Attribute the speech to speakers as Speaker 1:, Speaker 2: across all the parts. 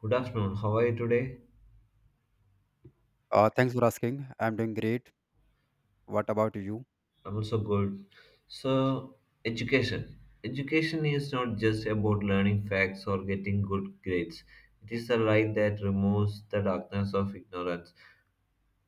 Speaker 1: Good afternoon. How are you today?
Speaker 2: Thanks for asking. I'm doing great. What about you?
Speaker 1: I'm also good. So, education. Education is not just about learning facts or getting good grades. It is the light that removes the darkness of ignorance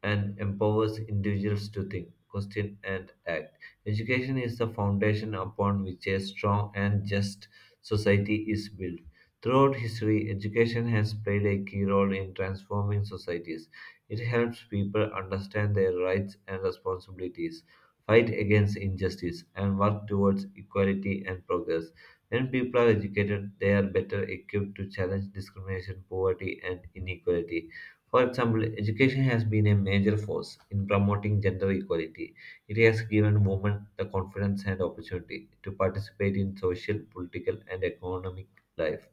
Speaker 1: and empowers individuals to think, question, and act. Education is the foundation upon which a strong and just society is built. Throughout history, education has played a key role in transforming societies. It helps people understand their rights and responsibilities, fight against injustice, and work towards equality and progress. When people are educated, they are better equipped to challenge discrimination, poverty, and inequality. For example, education has been a major force in promoting gender equality. It has given women the confidence and opportunity to participate in social, political, and economic life.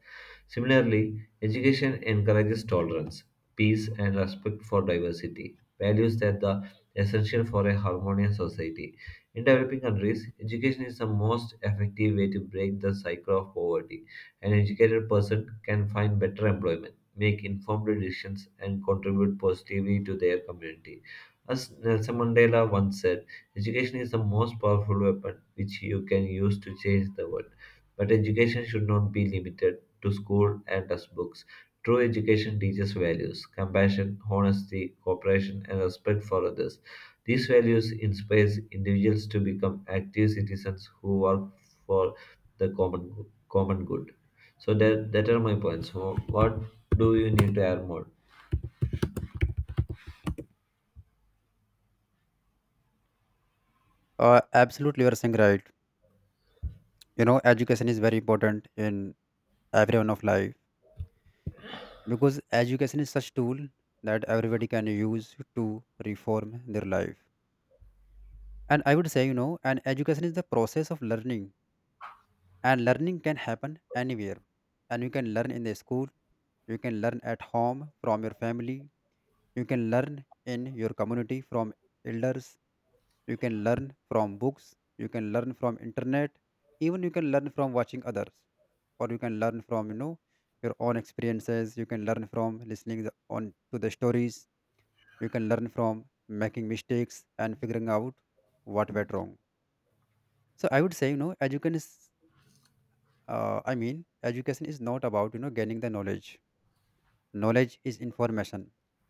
Speaker 1: Similarly, education encourages tolerance, peace, and respect for diversity, values that are essential for a harmonious society. In developing countries, education is the most effective way to break the cycle of poverty. An educated person can find better employment, make informed decisions, and contribute positively to their community. As Nelson Mandela once said, education is the most powerful weapon which you can use to change the world. But education should not be limited to school and textbooks. True education teaches values, compassion, honesty, cooperation, and respect for others. These values inspire individuals to become active citizens who work for the common good. So that are my points. So what do you need to add more?
Speaker 2: Absolutely, you are saying right. You know, education is very important in everyone of life because education is such tool that everybody can use to reform their life. And I would say, you know, and education is the process of learning, and learning can happen anywhere. And you can learn in the school, you can learn at home from your family, you can learn in your community from elders, you can learn from books, you can learn from internet, even you can learn from watching others, or you can learn from, your own experiences. You can learn from listening on to the stories, you can learn from making mistakes and figuring out what went wrong. So I would say, education is, I mean, education is not about, gaining the knowledge. Knowledge is information,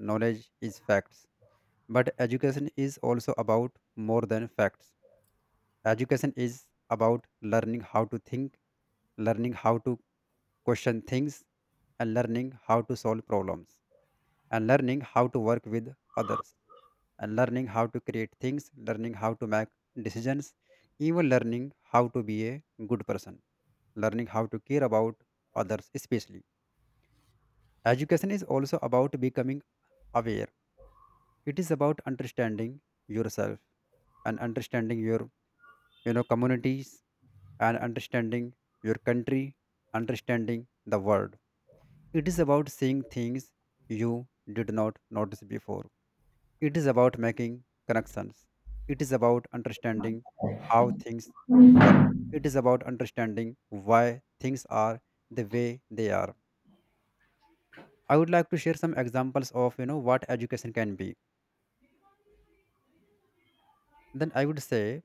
Speaker 2: knowledge is facts, but education is also about more than facts. Education is about learning how to think, learning how to question things, and learning how to solve problems, and learning how to work with others, and learning how to create things, learning how to make decisions, even learning how to be a good person, learning how to care about others, especially. Education is also about becoming aware, it is about understanding yourself and understanding your, communities, and understanding your country, understanding the world. It is about seeing things you did not notice before, it is about making connections, it is about understanding how things work, it is about understanding why things are the way they are. I would like to share some examples of, what education can be. Then I would say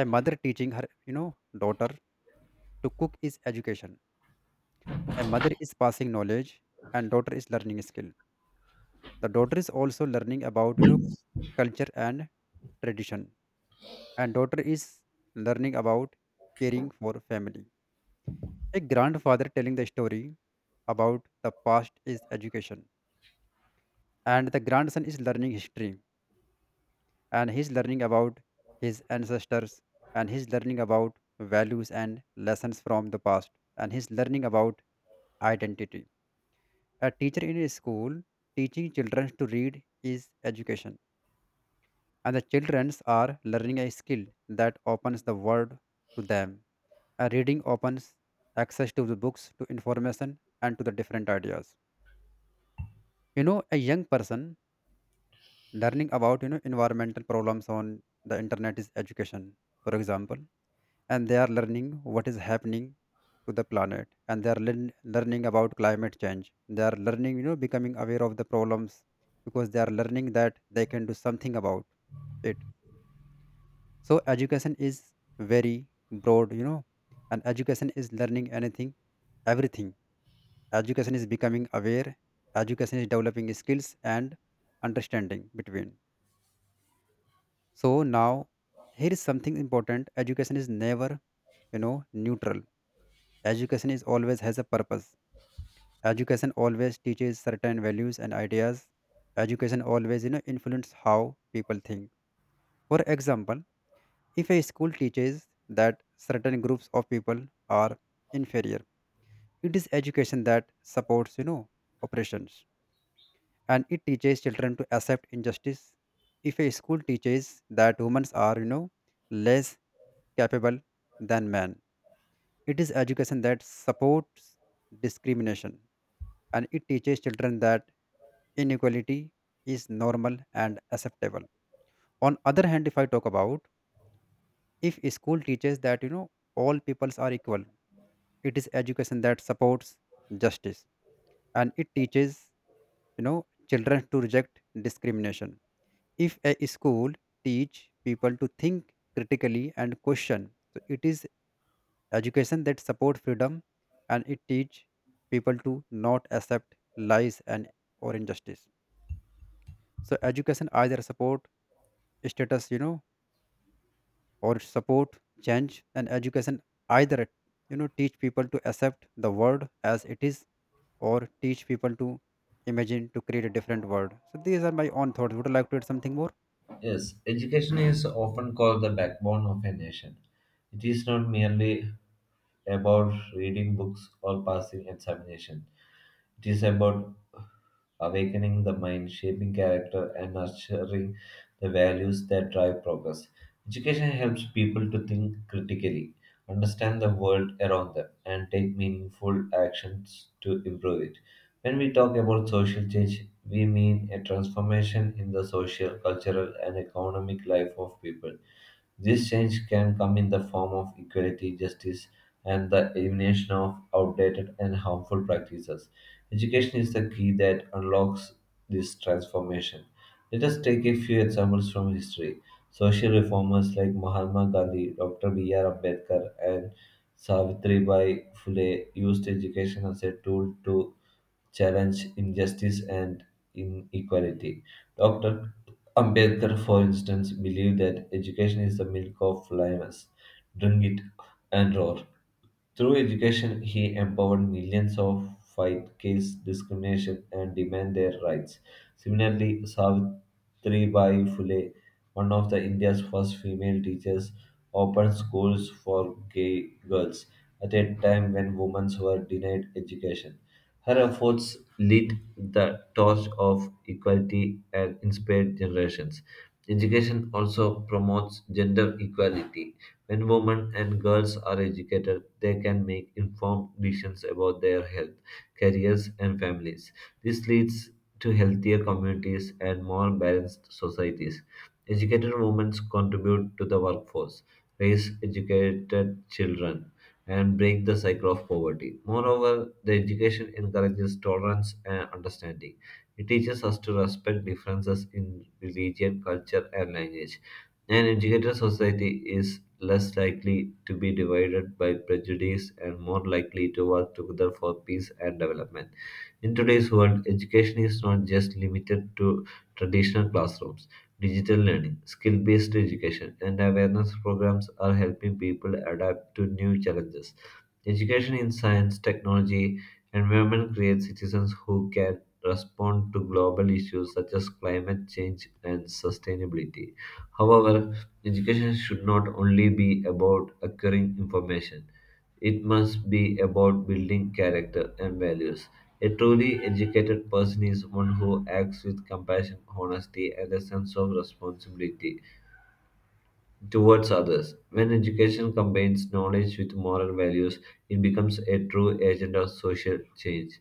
Speaker 2: a mother teaching her, daughter to cook is education. A mother is passing knowledge and daughter is learning skill. The daughter is also learning about, culture and tradition, and daughter is learning about caring for family. A grandfather telling the story about the past is education, and the grandson is learning history, and he's learning about his ancestors, and he's learning about values and lessons from the past, and he's learning about identity. A teacher in a school teaching children to read is education, and the children are learning a skill that opens the world to them. A reading opens access to the books, to information, and to the different ideas. You know, a young person learning about, environmental problems on the internet is education, for example, and they are learning what is happening to the planet, and they are learning about climate change. They are learning, becoming aware of the problems, because they are learning that they can do something about it. So education is very broad, you know, and education is learning anything, everything. Education is becoming aware, education is developing skills and understanding between. So now here is something important. Education is never, neutral. Education is always has a purpose. Education always teaches certain values and ideas. Education always, you know, influence how people think. For example, if a school teaches that certain groups of people are inferior, it is education that supports, you know, oppressions, and it teaches children to accept injustice. If a school teaches that women are, you know, less capable than men, it is education that supports discrimination, and it teaches children that inequality is normal and acceptable. On other hand, if I talk about if a school teaches that, all peoples are equal, it is education that supports justice, and it teaches, children to reject discrimination. If a school teach people to think critically and question, so it is education that support freedom, and it teach people to not accept lies and or injustice. So education either support status, you know, or support change, and education either, teach people to accept the world as it is, or teach people to imagine to create a different world. So these are my own thoughts. Would you like to add something more?
Speaker 1: Yes, education is often called the backbone of a nation. It is not merely about reading books or passing examination. It is about awakening the mind, shaping character, and nurturing the values that drive progress. Education helps people to think critically, understand the world around them, and take meaningful actions to improve it. When we talk about social change, we mean a transformation in the social, cultural, and economic life of people. This change can come in the form of equality, justice, and the elimination of outdated and harmful practices. Education is the key that unlocks this transformation. Let us take a few examples from history. Social reformers like Mahatma Gandhi, Dr. B.R. Ambedkar, and Savitribai Phule used education as a tool to challenge injustice and inequality. Dr. Ambedkar, for instance, believed that education is the milk of lions. Drink it and roar. Through education, he empowered millions of fight caste discrimination and demand their rights. Similarly, Savitribai Phule, one of the India's first female teachers, opened schools for gay girls at a time when women were denied education. Her efforts lit the torch of equality and inspired generations. Education also promotes gender equality. When women and girls are educated, they can make informed decisions about their health, careers, and families. This leads to healthier communities and more balanced societies. Educated women contribute to the workforce, raise educated children, and break the cycle of poverty. Moreover, the education encourages tolerance and understanding. It teaches us to respect differences in religion, culture, and language. An educated society is less likely to be divided by prejudice and more likely to work together for peace and development. In today's world, education is not just limited to traditional classrooms. Digital learning, skill based education, and awareness programs are helping people adapt to new challenges. Education in science, technology, environment creates citizens who can respond to global issues such as climate change and sustainability. However, education should not only be about acquiring information, it must be about building character and values. A truly educated person is one who acts with compassion, honesty, and a sense of responsibility towards others. When education combines knowledge with moral values, it becomes a true agent of social change.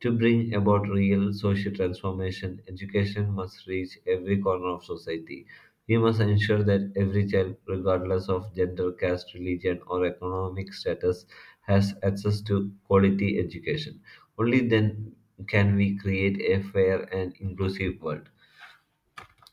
Speaker 1: To bring about real social transformation, education must reach every corner of society. We must ensure that every child, regardless of gender, caste, religion, or economic status, has access to quality education. Only then can we create a fair and inclusive world.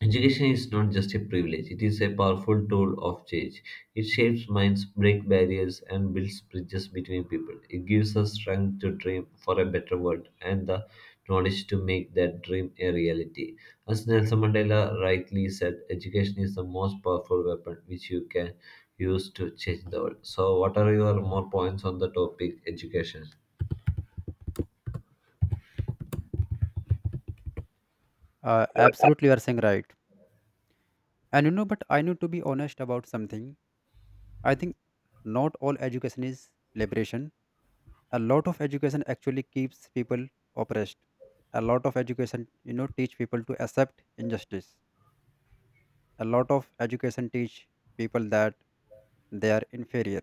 Speaker 1: Education is not just a privilege, it is a powerful tool of change. It shapes minds, breaks barriers, and builds bridges between people. It gives us strength to dream for a better world and the knowledge to make that dream a reality. As Nelson Mandela rightly said, education is the most powerful weapon which you can use to change the world. So, what are your more points on the topic education?
Speaker 2: Absolutely, you are saying right. And you know, but I need to be honest about something. I think not all education is liberation. A lot of education actually keeps people oppressed. A lot of education, you know, teach people to accept injustice. A lot of education teach people that they are inferior.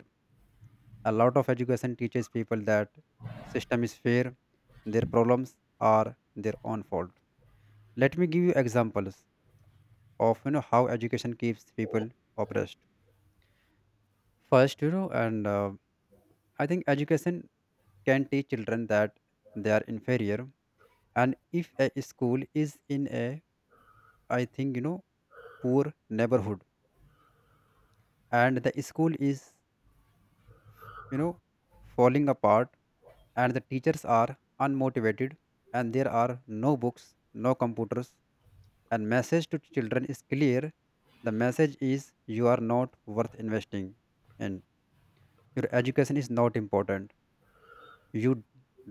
Speaker 2: A lot of education teaches people that system is fair, their problems are their own fault. Let me give you examples of, how education keeps people oppressed. First, you know and I think education can teach children that they are inferior. And if a school is in a, I think you know poor neighborhood, and the school is, you know falling apart, and the teachers are unmotivated, and there are no books, no computers, and message to children is clear. The message is, you are not worth investing in, your education is not important, you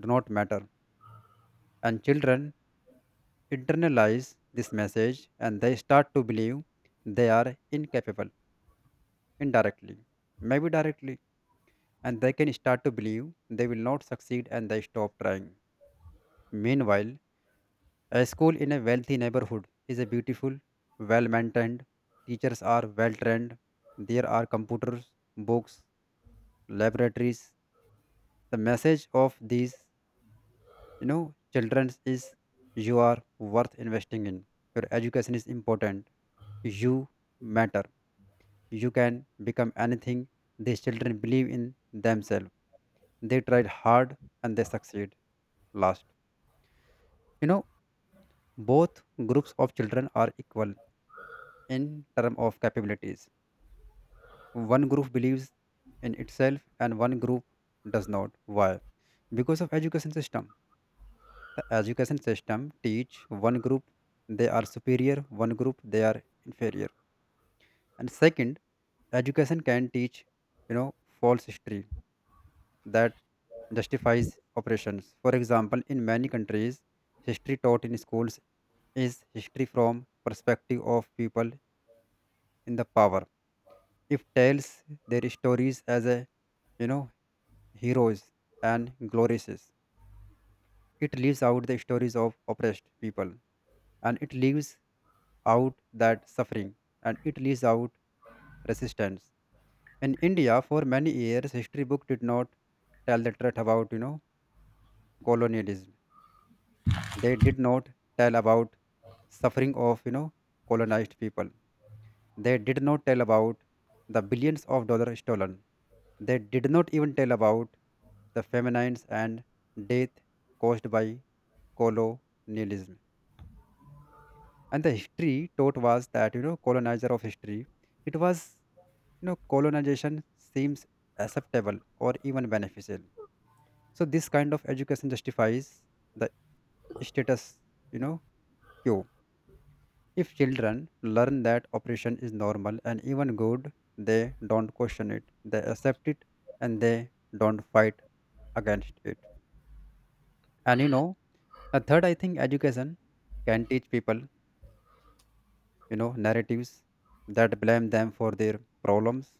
Speaker 2: do not matter. And children internalize this message, and they start to believe they are incapable, indirectly, maybe directly, and they can start to believe they will not succeed and they stop trying. Meanwhile, a school in a wealthy neighborhood is a beautiful, well maintained. Teachers are well trained. There are computers, books, laboratories. The message of these, you know, children is, you are worth investing in, your education is important, you matter, you can become anything. These children believe in themselves. They tried hard and they succeed. Last, you know, both groups of children are equal in terms of capabilities. One group believes in itself and one group does not. Why? Because of education system. The education system teach one group they are superior, one group they are inferior. And second, education can teach, you know, false history that justifies operations. For example, in many countries, history taught in schools is history from perspective of people in the power. If tells their stories as a, you know heroes and glorious, it leaves out the stories of oppressed people, and it leaves out that suffering, and it leaves out resistance. In India, for many years, history book did not tell the truth about, colonialism. They did not tell about suffering of, colonized people. They did not tell about the billions of dollars stolen. They did not even tell about the feminines and death caused by colonialism. And the history taught was that, you know, colonizer of history, it was, you know, colonization seems acceptable or even beneficial. So this kind of education justifies the status, you know, quo. If children learn that operation is normal and even good, they don't question it. They accept it and they don't fight against it. And you know, a third, I think education can teach people, you know, narratives that blame them for their problems.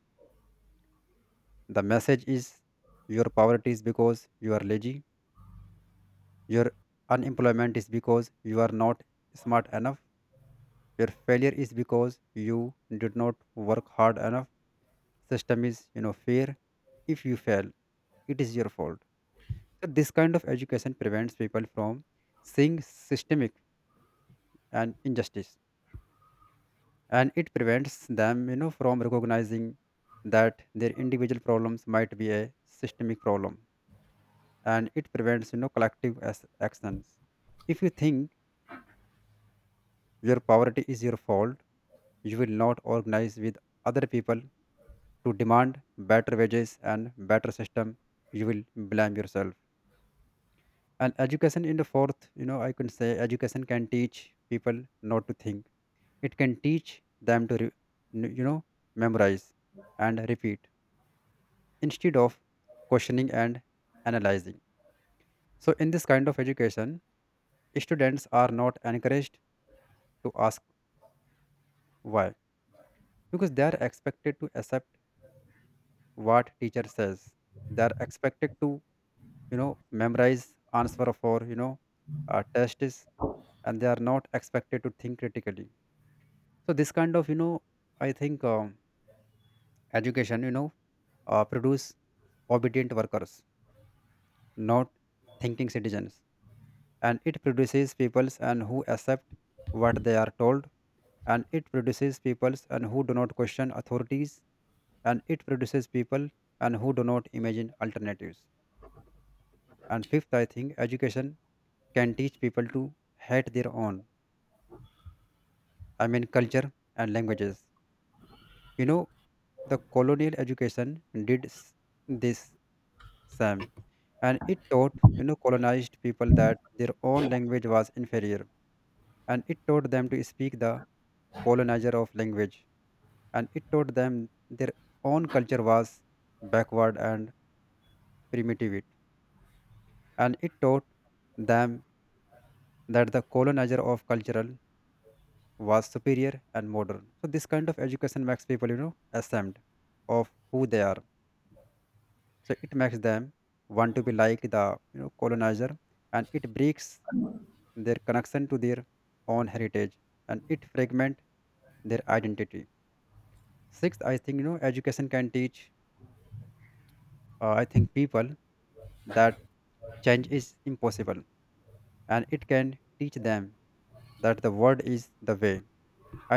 Speaker 2: The message is, your poverty is because you are lazy, your unemployment is because you are not smart enough, your failure is because you did not work hard enough, system is, fair. If you fail, it is your fault. So this kind of education prevents people from seeing systemic and injustice, and it prevents them, from recognizing that their individual problems might be a systemic problem, and it prevents, collective as actions. If you think your poverty is your fault, you will not organize with other people to demand better wages and better system. You will blame yourself. And education in the fourth, I can say education can teach people not to think. It can teach them to you know memorize and repeat, instead of questioning and analyzing. So in this kind of education, students are not encouraged to ask why, because they are expected to accept what teacher says. They are expected to, you know memorize answer for, tests, and they are not expected to think critically. So this kind of, you know, I think education, produce obedient workers, not thinking citizens, and it produces peoples and who accept what they are told, and it produces peoples and who do not question authorities, and it produces people and who do not imagine alternatives. And fifth, I think education can teach people to hate their own, culture and languages. You know, the colonial education did this Sam, and it taught, colonized people that their own language was inferior, and it taught them to speak the colonizer of language, and it taught them their own culture was backward and primitive, and it taught them that the colonizer of cultural was superior and modern. So this kind of education makes people, ashamed of who they are. So it makes them want to be like the, colonizer, and it breaks their connection to their own heritage, and it fragment their identity. Sixth, I think education can teach, I think people that change is impossible, and it can teach them that the word is the way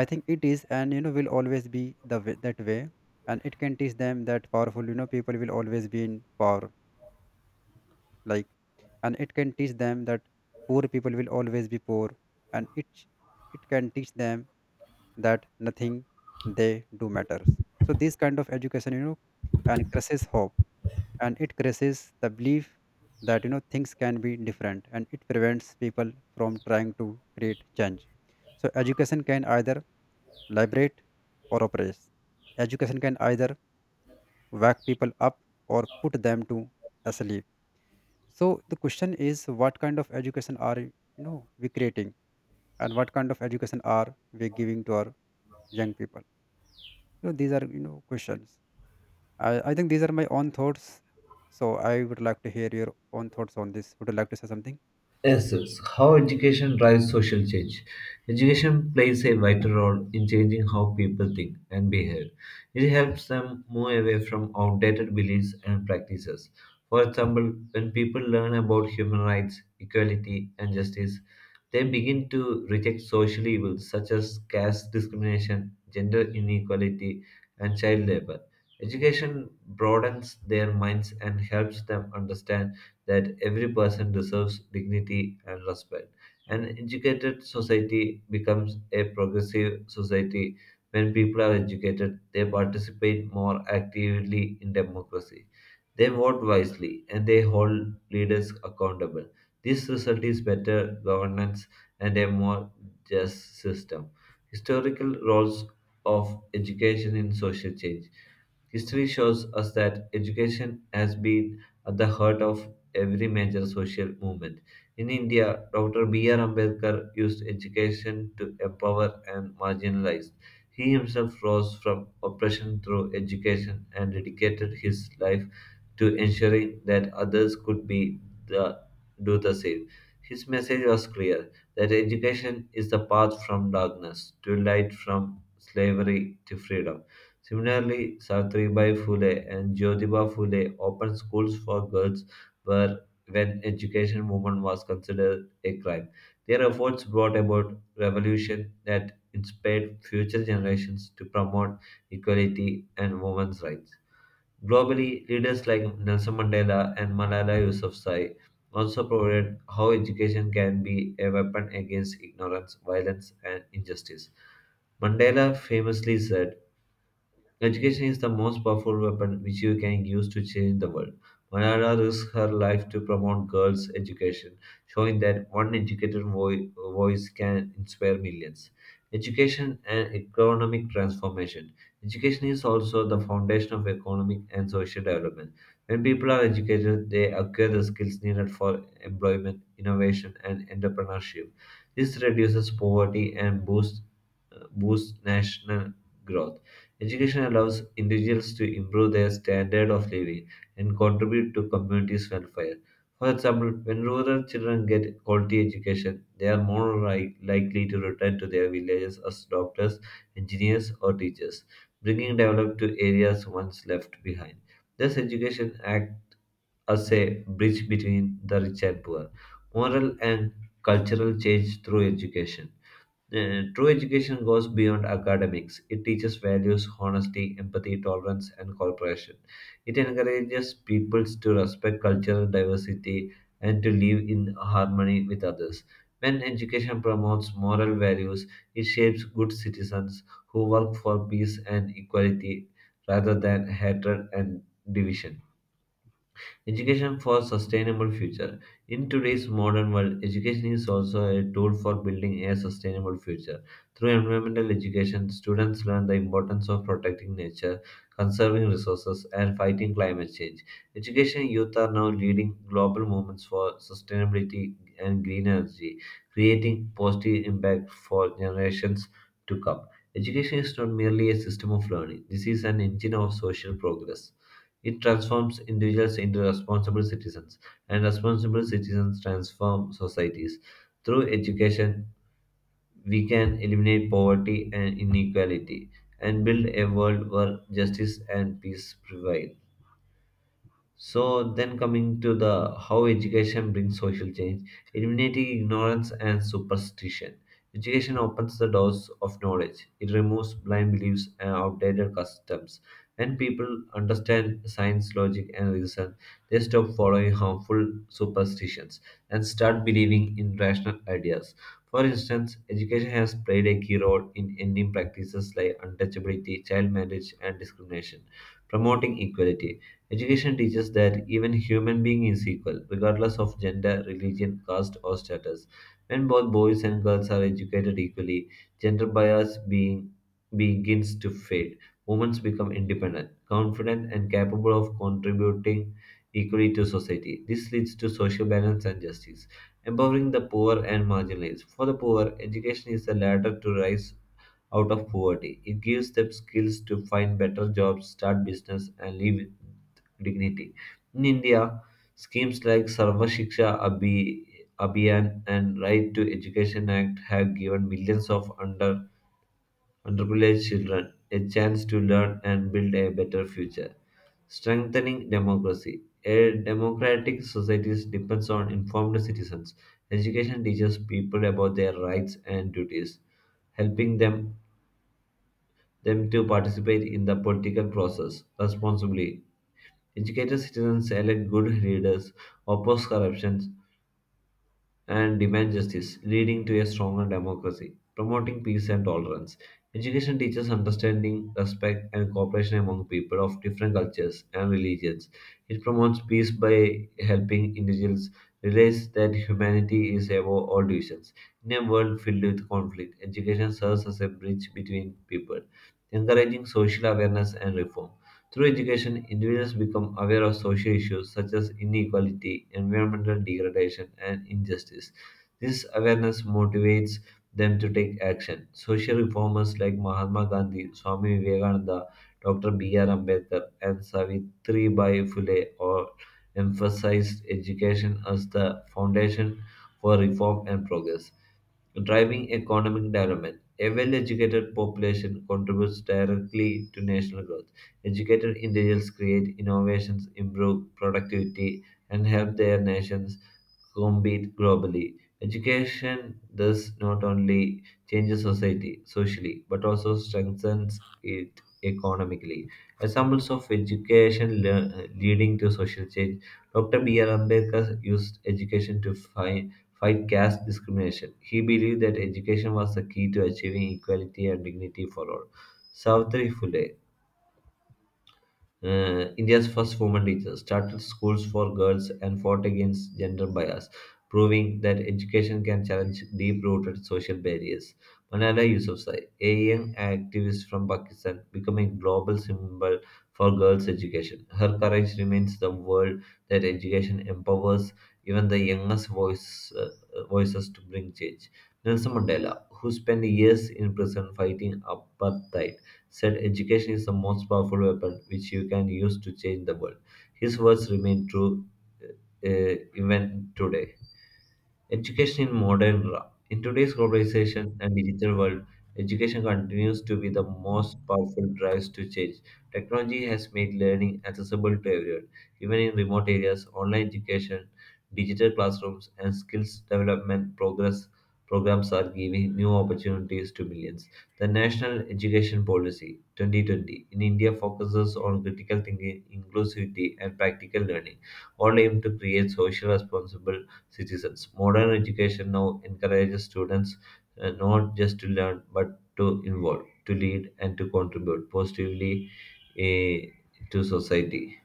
Speaker 2: I think it is, and, will always be that way. And it can teach them that powerful, people will always be in power, like, and it can teach them that poor people will always be poor, and it can teach them that nothing they do matters. So this kind of education, you know and crushes hope, and it crushes the belief that, things can be different, and it prevents people from trying to create change. So education can either liberate or oppress. Education can either wake people up or put them to asleep. So the question is, what kind of education are we creating, and what kind of education are we giving to our young people? You know, these are, questions. I think these are my own thoughts. So I would like to hear your own thoughts on this. Would you like to say something?
Speaker 1: Yes, yes. How education drives social change. Education plays a vital role in changing how people think and behave. It helps them move away from outdated beliefs and practices. For example, when people learn about human rights, equality, and justice, they begin to reject social evils such as caste discrimination, gender inequality, and child labor. Education broadens their minds and helps them understand that every person deserves dignity and respect. An educated society becomes a progressive society. When people are educated, they participate more actively in democracy. They vote wisely and they hold leaders accountable. This result is better governance and a more just system. Historical roles of education in social change. History shows us that education has been at the heart of every major social movement. In India, Dr. B.R. Ambedkar used education to empower and marginalize. He himself rose from oppression through education and dedicated his life to ensuring that others could the, do the same. His message was clear that education is the path from darkness to light, from slavery to freedom. Similarly, Savitribai Phule and Jyotiba Phule opened schools for girls were when education movement was considered a crime. Their efforts brought about revolution that inspired future generations to promote equality and women's rights. Globally, leaders like Nelson Mandela and Malala Yousafzai also provided how education can be a weapon against ignorance, violence, and injustice. Mandela famously said, education is the most powerful weapon which you can use to change the world. Malala risked her life to promote girls' education, showing that one educated voice can inspire millions. Education and economic transformation. Education is also the foundation of economic and social development. When people are educated, they acquire the skills needed for employment, innovation, and entrepreneurship. This reduces poverty and boosts national growth. Education allows individuals to improve their standard of living and contribute to communities' welfare. For example, when rural children get quality education, they are more likely to return to their villages as doctors, engineers, or teachers, bringing development to areas once left behind. Thus, education acts as a bridge between the rich and poor, moral and cultural change through education. True education goes beyond academics. It teaches values, honesty, empathy, tolerance, and cooperation. It encourages peoples to respect cultural diversity and to live in harmony with others. When education promotes moral values, it shapes good citizens who work for peace and equality rather than hatred and division. Education for sustainable future. In today's modern world, education is also a tool for building a sustainable future. Through environmental education, students learn the importance of protecting nature, conserving resources, and fighting climate change. Education youth are now leading global movements for sustainability and green energy, creating positive impact for generations to come. Education is not merely a system of learning. This is an engine of social progress. It transforms individuals into responsible citizens, and responsible citizens transform societies. Through education, we can eliminate poverty and inequality and build a world where justice and peace prevail. So then coming to the how education brings social change, eliminating ignorance and superstition. Education opens the doors of knowledge. It removes blind beliefs and outdated customs. When people understand science, logic, and reason, they stop following harmful superstitions and start believing in rational ideas. For instance, education has played a key role in ending practices like untouchability, child marriage, and discrimination, promoting equality. Education teaches that even human being is equal, regardless of gender, religion, caste, or status. When both boys and girls are educated equally, gender bias being begins to fade. Women become independent, confident, and capable of contributing equally to society. This leads to social balance and justice, empowering the poor and marginalized. For the poor, education is the ladder to rise out of poverty. It gives them skills to find better jobs, start business, and live with dignity. In India, schemes like Sarva Shiksha Abhiyan and Right to Education Act have given millions of underprivileged children a chance to learn and build a better future. Strengthening democracy. A democratic society depends on informed citizens. Education teaches people about their rights and duties, helping them to participate in the political process responsibly. Educated citizens elect good leaders, oppose corruption, and demand justice, leading to a stronger democracy, promoting peace and tolerance. Education teaches understanding, respect, and cooperation among people of different cultures and religions. It promotes peace by helping individuals realize that humanity is above all divisions. In a world filled with conflict, education serves as a bridge between people, encouraging social awareness and reform. Through education, individuals become aware of social issues such as inequality, environmental degradation, and injustice. This awareness motivates them to take action. Social reformers like Mahatma Gandhi, Swami Vivekananda, Dr. B.R. Ambedkar, and Savitri Bai Phule all emphasized education as the foundation for reform and progress driving economic development. A well educated population contributes directly to national growth. Educated individuals create innovations, improve productivity, and help their nations compete globally. Education thus not only changes society socially but also strengthens it economically. Examples of education leading to social change. Dr. B.R. Ambedkar used education to fight caste discrimination. He believed that education was the key to achieving equality and dignity for all. Savitri Phule, India's first woman teacher, started schools for girls and fought against gender bias, proving that education can challenge deep rooted social barriers. Malala Yousafzai, a young activist from Pakistan, becoming a global symbol for girls' education. Her courage reminds the world that education empowers even the youngest voices to bring change. Nelson Mandela, who spent years in prison fighting apartheid, said education is the most powerful weapon which you can use to change the world. His words remain true uh, even today. Education in modern era. In today's globalization and digital world, education continues to be the most powerful drives to change. Technology has made learning accessible to everyone, even in remote areas. Online education, digital classrooms, and skills development progress programs are giving new opportunities to millions. The National Education Policy 2020 in India focuses on critical thinking, inclusivity, and practical learning, all aimed to create social responsible citizens. Modern education now encourages students not just to learn but to involve, to lead, and to contribute positively, eh, to society.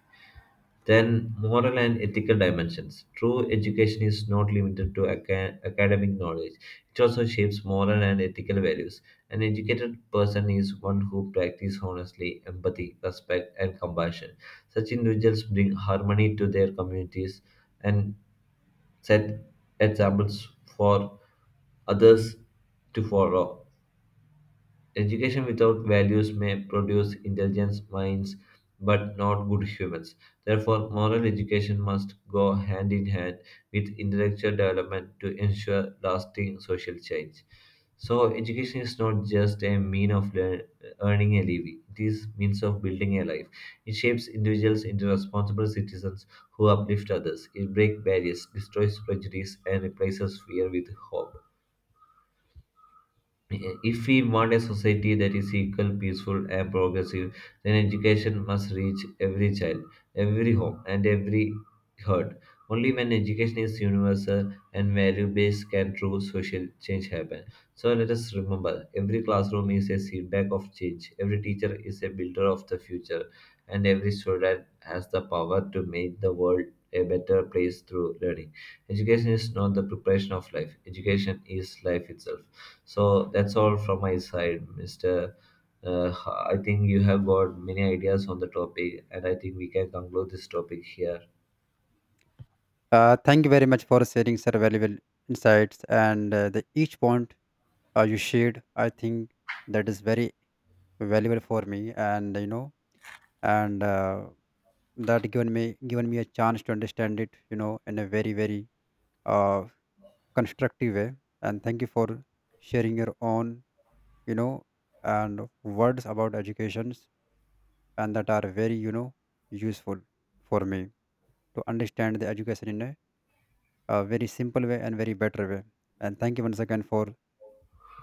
Speaker 1: Then, moral and ethical dimensions. True education is not limited to academic knowledge, it also shapes moral and ethical values. An educated person is one who practices honestly empathy, respect, and compassion. Such individuals bring harmony to their communities and set examples for others to follow. Education without values may produce intelligent minds but not good humans. Therefore, moral education must go hand in hand with intellectual development to ensure lasting social change. So, education is not just a mean of earning a living, it is means of building a life. It shapes individuals into responsible citizens who uplift others. It breaks barriers, destroys prejudice, and replaces fear with hope. If we want a society that is equal, peaceful, and progressive, then education must reach every child, every home, and every heart. Only when education is universal and value based can true social change happen. So let us remember every classroom is a seedbag of change, every teacher is a builder of the future, and every student has the power to make the world a better place through learning. Education is not the preparation of life, education is life itself. So that's all from my side, Mr. Uh, I think you have got many ideas on the topic, and I think we can conclude this topic here.
Speaker 2: Thank you very much for sharing such valuable insights, and the each point you shared. I think that is very valuable for me, and and uh, that given me a chance to understand it. You know, in a very very uh, constructive way, and thank you for sharing your own, you know and words about educations, and that are very, useful for me to understand the education in a, very simple way and very better way. And thank you once again for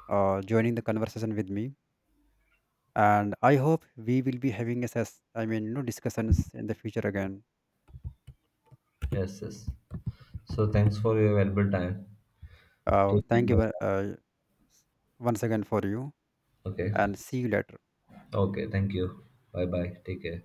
Speaker 2: joining the conversation with me, and I hope we will be having a discussions in the future again.
Speaker 1: Yes, yes. So thanks for your valuable time. Take care.
Speaker 2: Thank you,
Speaker 1: Bye.
Speaker 2: once again for you,
Speaker 1: Okay.
Speaker 2: and see you later.
Speaker 1: Okay. Thank you. Bye bye. Take care.